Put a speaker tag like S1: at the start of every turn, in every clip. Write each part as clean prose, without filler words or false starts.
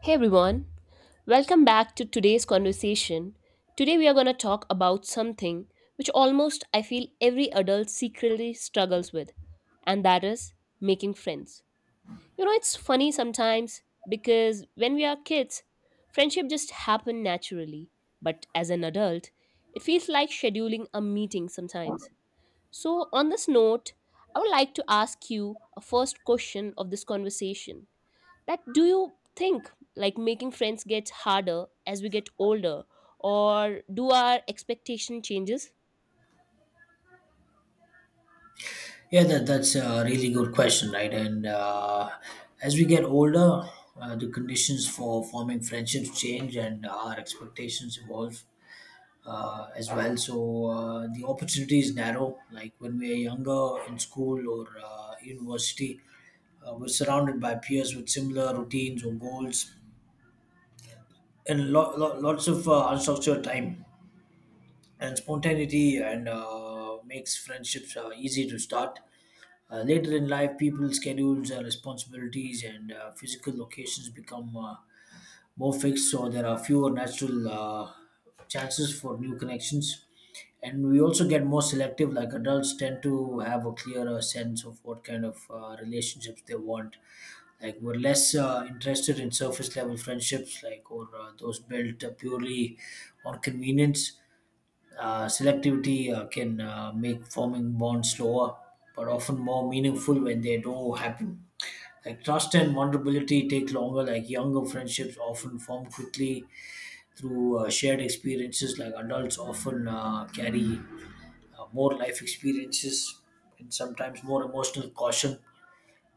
S1: Hey everyone, welcome back to today's conversation. Today we are going to talk about something which almost I feel every adult secretly struggles with, and that is making friends. You know, it's funny sometimes because when we are kids, friendship just happen naturally, but as an adult, it feels like scheduling a meeting sometimes. So, on this note, I would like to ask you a first question of this conversation: that do you think like making friends gets harder as we get older, or do our expectation changes?
S2: Yeah, that's a really good question, right? And As we get older, the conditions for forming friendships change and our expectations evolve as well. So the opportunities narrow. Like when we are younger in school or university, we're surrounded by peers with similar routines or goals and lots of unstructured time and spontaneity and makes friendships easy to start. Later in life, people's schedules, responsibilities, and physical locations become more fixed, so there are fewer natural chances for new connections. And we also get more selective, like adults tend to have a clearer sense of what kind of relationships they want. Like, we're less interested in surface level friendships, like, or those built purely on convenience selectivity can make forming bonds slower, but often more meaningful when they do happen. Like trust and vulnerability take longer. Like younger friendships often form quickly through shared experiences. Like adults often carry more life experiences and sometimes more emotional caution.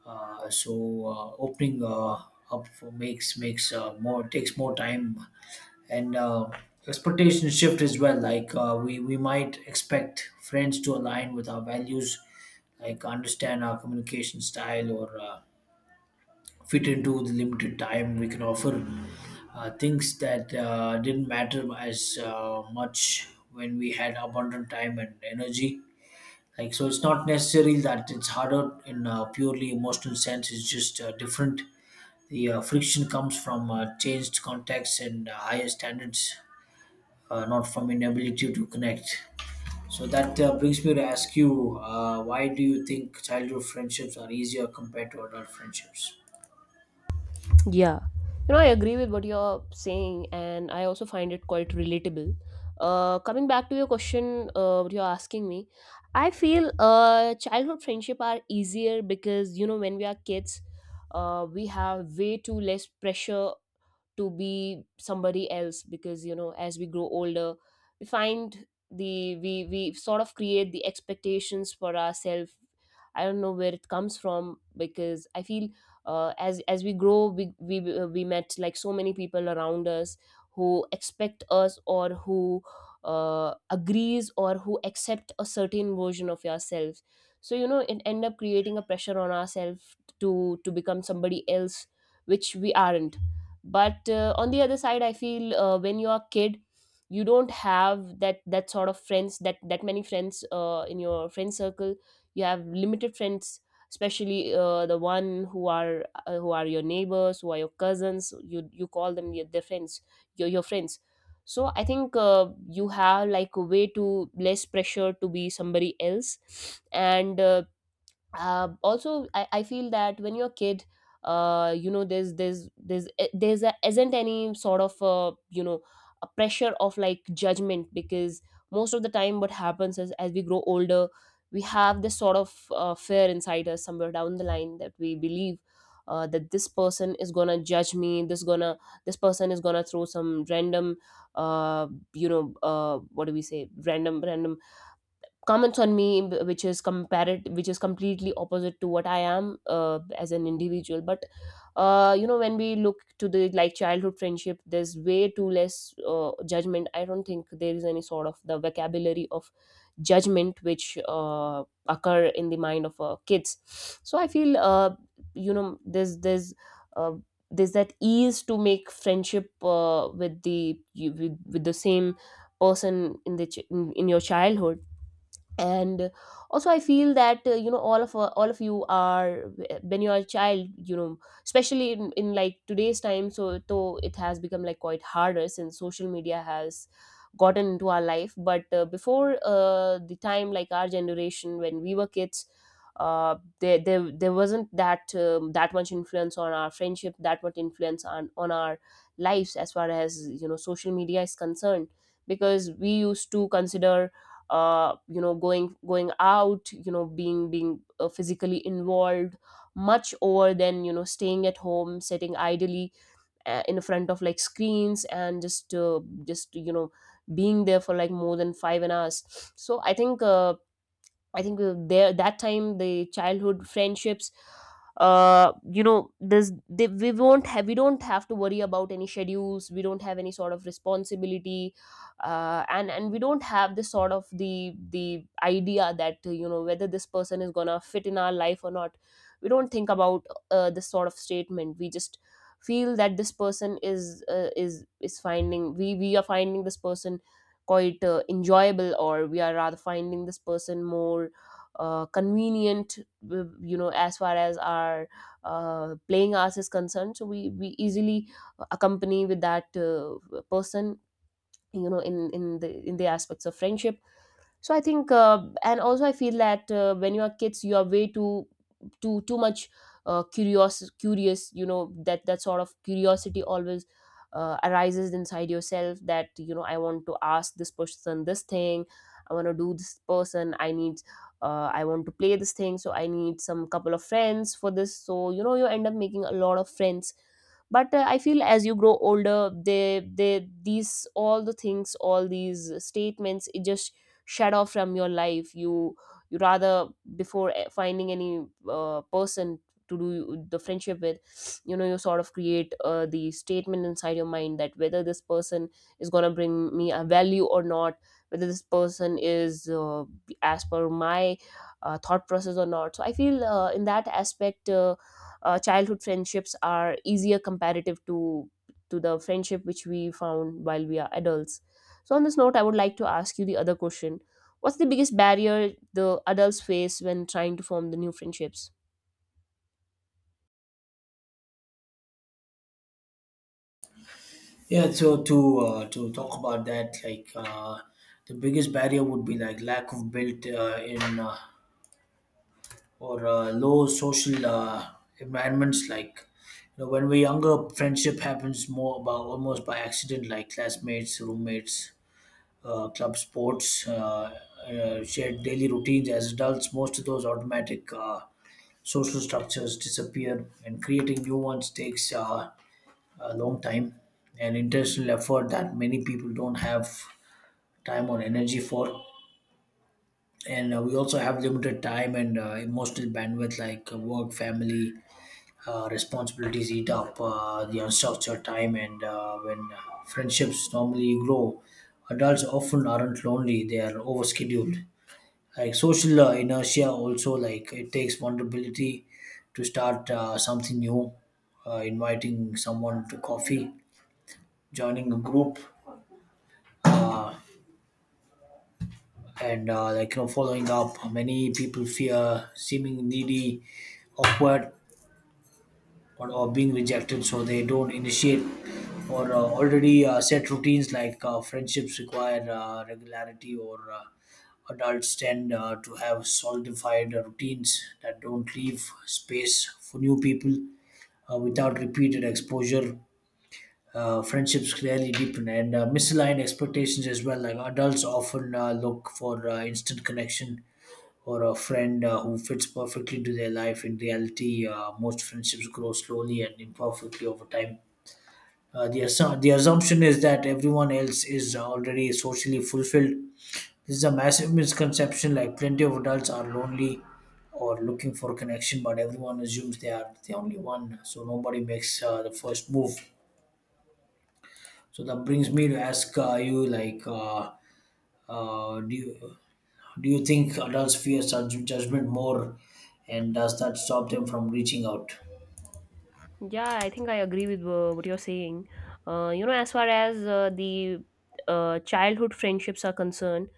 S2: So opening up for makes more takes more time and expectation shift as well. Like we might expect friends to align with our values, like understand our communication style or fit into the limited time we can offer. Things that didn't matter as much when we had abundant time and energy. Like so, it's not necessarily that it's harder in a purely emotional sense. It's just different. The friction comes from changed contexts and higher standards not from inability to connect. So that brings me to ask you, why do you think childhood friendships are easier compared to adult friendships?
S1: Yeah, you know, I agree with what you're saying, and I also find it quite relatable. Coming back to your question, what you're asking me, I feel childhood friendship are easier because, you know, when we are kids, we have way too less pressure to be somebody else, because, you know, as we grow older, we find the we sort of create the expectations for ourselves. I don't know where it comes from, because I feel as we grow, we met like so many people around us who expect us, or who agrees, or who accept a certain version of yourself. So you know, it end up creating a pressure on ourselves to become somebody else, which we aren't. But on the other side, I feel when you're a kid, you don't have that sort of friends, that many friends in your friend circle. You have limited friends, especially the one who are your neighbors, who are your cousins, you call them your their friends, your friends. So I think you have like a way to less pressure to be somebody else, and also, I feel that when you're a kid, you know, there's eh, there's a, isn't any sort of you know, a pressure of like judgment, because most of the time what happens is, as we grow older, we have this sort of fear inside us somewhere down the line, that we believe that this person is gonna judge me, this person is gonna throw some random uh you know what do we say random random comments on me, which is completely opposite to what I am as an individual. But you know, when we look to the like childhood friendship, there's way too less judgment. I don't think there is any sort of the vocabulary of judgment which uh, occur in the mind of kids. So I feel you know, uh, there's that ease to make friendship with the with the same person in the in your childhood. And also I feel that you know, all of you are when you're a child, you know, especially in like today's time, so though it has become like quite harder since social media has gotten into our life. But before the time, like our generation when we were kids, there wasn't that much influence on our friendship, that much influence on our lives as far as, you know, social media is concerned, because we used to consider you know, going out, you know, being physically involved much over than, you know, staying at home, sitting idly in front of like screens, and just just you know, being there for like more than 5 hours. So I think there that time the childhood friendships, you know, we won't have we don't have to worry about any schedules. We don't have any sort of responsibility, and we don't have this sort of the idea that you know, whether this person is gonna fit in our life or not. We don't think about this sort of statement. We just feel that this person is finding, we are finding this person quite enjoyable, or we are rather finding this person more convenient you know, as far as our playing us is concerned, so we easily accompany with that person, you know, in the aspects of friendship. So I think and also I feel that when you are kids, you are way too much curious, you know, that sort of curiosity always arises inside yourself, that you know, I want to ask this person this thing, I want to do this person, I need I want to play this thing, so I need some couple of friends for this, so you know, you end up making a lot of friends. But I feel as you grow older, they these all the things, all these statements, it just shadow from your life. You rather before finding any person to do the friendship with, you know, you sort of create the statement inside your mind that whether this person is going to bring me a value or not, whether this person is as per my thought process or not. So I feel in that aspect, childhood friendships are easier comparative to the friendship which we found while we are adults. So, on this note, I would like to ask you the other question: what's the biggest barrier the adults face when trying to form the new friendships?
S2: So to talk about that, the biggest barrier would be like lack of built in or low social environments. Like you know, when we're younger, friendship happens more about almost by accident, like classmates, roommates, club sports, shared daily routines. As adults, most of those automatic social structures disappear, and creating new ones takes a long time and intentional effort that many people don't have time or energy for. And we also have limited time and emotional bandwidth, like work, family, responsibilities eat up the unstructured time. And when friendships normally grow, adults often aren't lonely, they are overscheduled, like social inertia. Also, like it takes vulnerability to start something new, inviting someone to coffee, joining a group, and like you know, following up. Many people fear seeming needy, awkward, or being rejected, so they don't initiate, or already set routines. Like friendships require regularity, or adults tend to have solidified routines that don't leave space for new people without repeated exposure. Friendships clearly deepen, and misaligned expectations as well, like adults often look for instant connection or a friend who fits perfectly to their life. In reality, most friendships grow slowly and imperfectly over time. The assumption is that everyone else is already socially fulfilled. This is a massive misconception. Like plenty of adults are lonely or looking for connection, but everyone assumes they are the only one. So nobody makes the first move. So that brings me to ask you, uh, do you, do you think adults fear such judgment more, and does that stop them from reaching out?
S1: Yeah, I think I agree with what you're saying. You know, as far as the childhood friendships are concerned,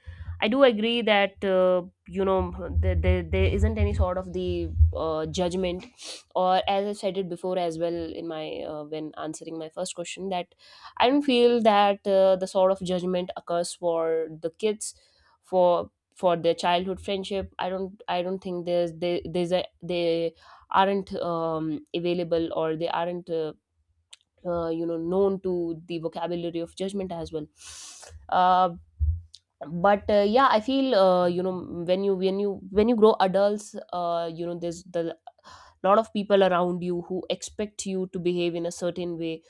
S1: I do agree that you know, there isn't any sort of the judgment, or as I said it before as well in my when answering my first question, that I don't feel that the sort of judgment occurs for the kids, for their childhood friendship. I don't think there's there, there's a there aren't available, or they aren't you know, known to the vocabulary of judgment as well. uh, but yeah, I feel you know, when you grow adults, you know, there's the lot of people around you who expect you to behave in a certain way,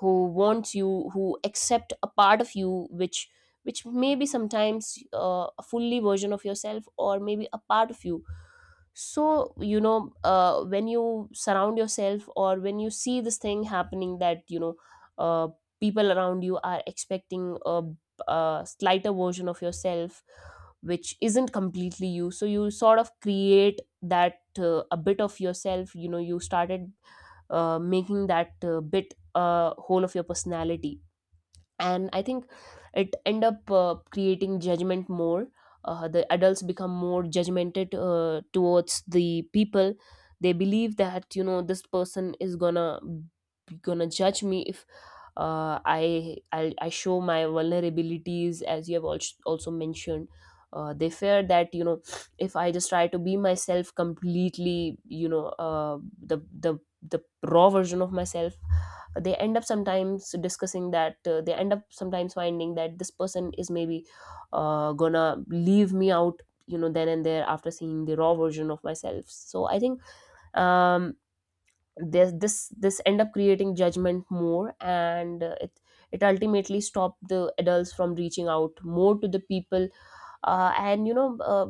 S1: who wants you, who accept a part of you, which may be sometimes a fully version of yourself, or maybe a part of you. So you know, when you surround yourself, or when you see this thing happening, that you know, uh, people around you are expecting a slighter version of yourself, which isn't completely you, so you sort of create that a bit of yourself, you know, you started making that bit a whole of your personality. And I think it end up creating judgment more. The adults become more judgmented towards the people. They believe that, you know, this person is gonna judge me if I show my vulnerabilities, as you have also mentioned. They fear that, you know, if I just try to be myself completely, you know, the the raw version of myself, they end up sometimes discussing that, they end up sometimes finding that this person is maybe gonna leave me out, you know, then and there after seeing the raw version of myself. So I think um this end up creating judgment more, and it ultimately stopped the adults from reaching out more to the people. And you know,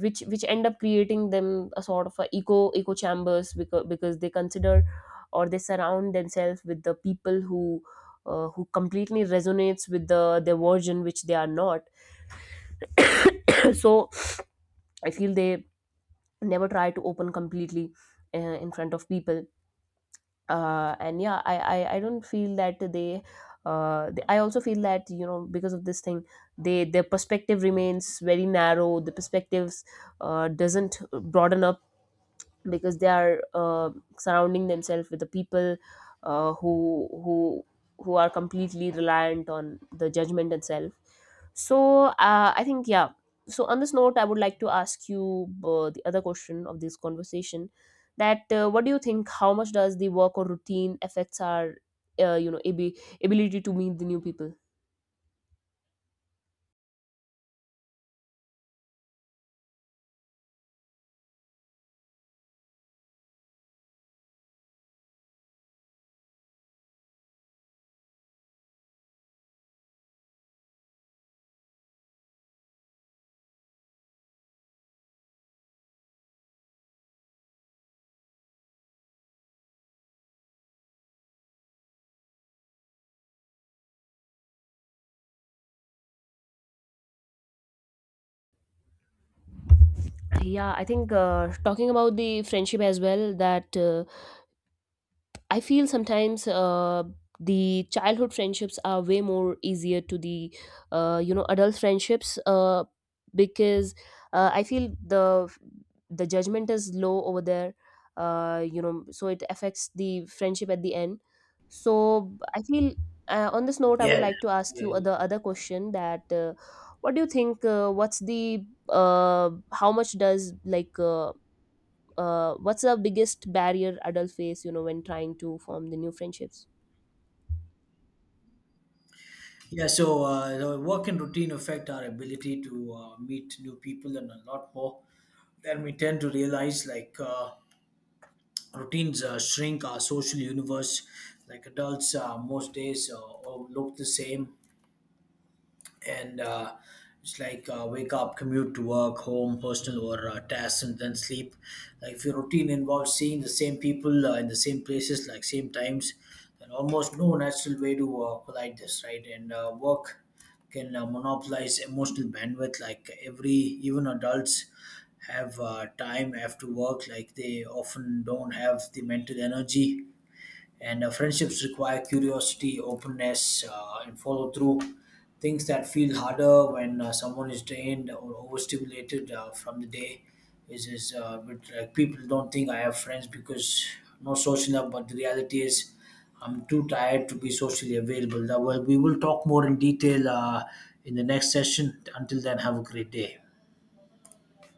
S1: which end up creating them a sort of a eco chambers, because they consider, or they surround themselves with the people who completely resonates with the their version, which they are not. So I feel they never try to open completely in front of people. And yeah, I don't feel that they I also feel that, you know, because of this thing, they their perspective remains very narrow. The perspectives doesn't broaden up, because they are surrounding themselves with the people uh, who who who are completely reliant on the judgment itself. So I think yeah. So on this note, I would like to ask you the other question of this conversation, that what do you think, how much does the work or routine affects our you know, ability to meet the new people? Yeah, I think talking about the friendship as well, that I feel sometimes the childhood friendships are way more easier to the you know, adult friendships, because I feel the judgment is low over there. You know, so it affects the friendship at the end. So I feel on this note, I would
S2: Yeah.
S1: like to ask you
S2: Yeah.
S1: the other question, that what do you think? What's the how much does like what's the biggest barrier adults face, you know, when trying to form the new friendships?
S2: Yeah. So the work and routine affect our ability to meet new people, and a lot more. Then we tend to realize, like routines shrink our social universe. Like adults, most days all look the same. And It's like wake up, commute to work, home, personal or tasks, and then sleep. Like if your routine involves seeing the same people in the same places, like same times, then almost no natural way to collide this, right? And work can monopolize emotional bandwidth. Like every, even adults have time after work. Like they often don't have the mental energy, and friendships require curiosity, openness, and follow through. Things that feel harder when someone is drained or overstimulated from the day is but, like people don't think I have friends because no social up, but the reality is I'm too tired to be socially available. That well, we will talk more in detail in the next session. Until then, have a great day.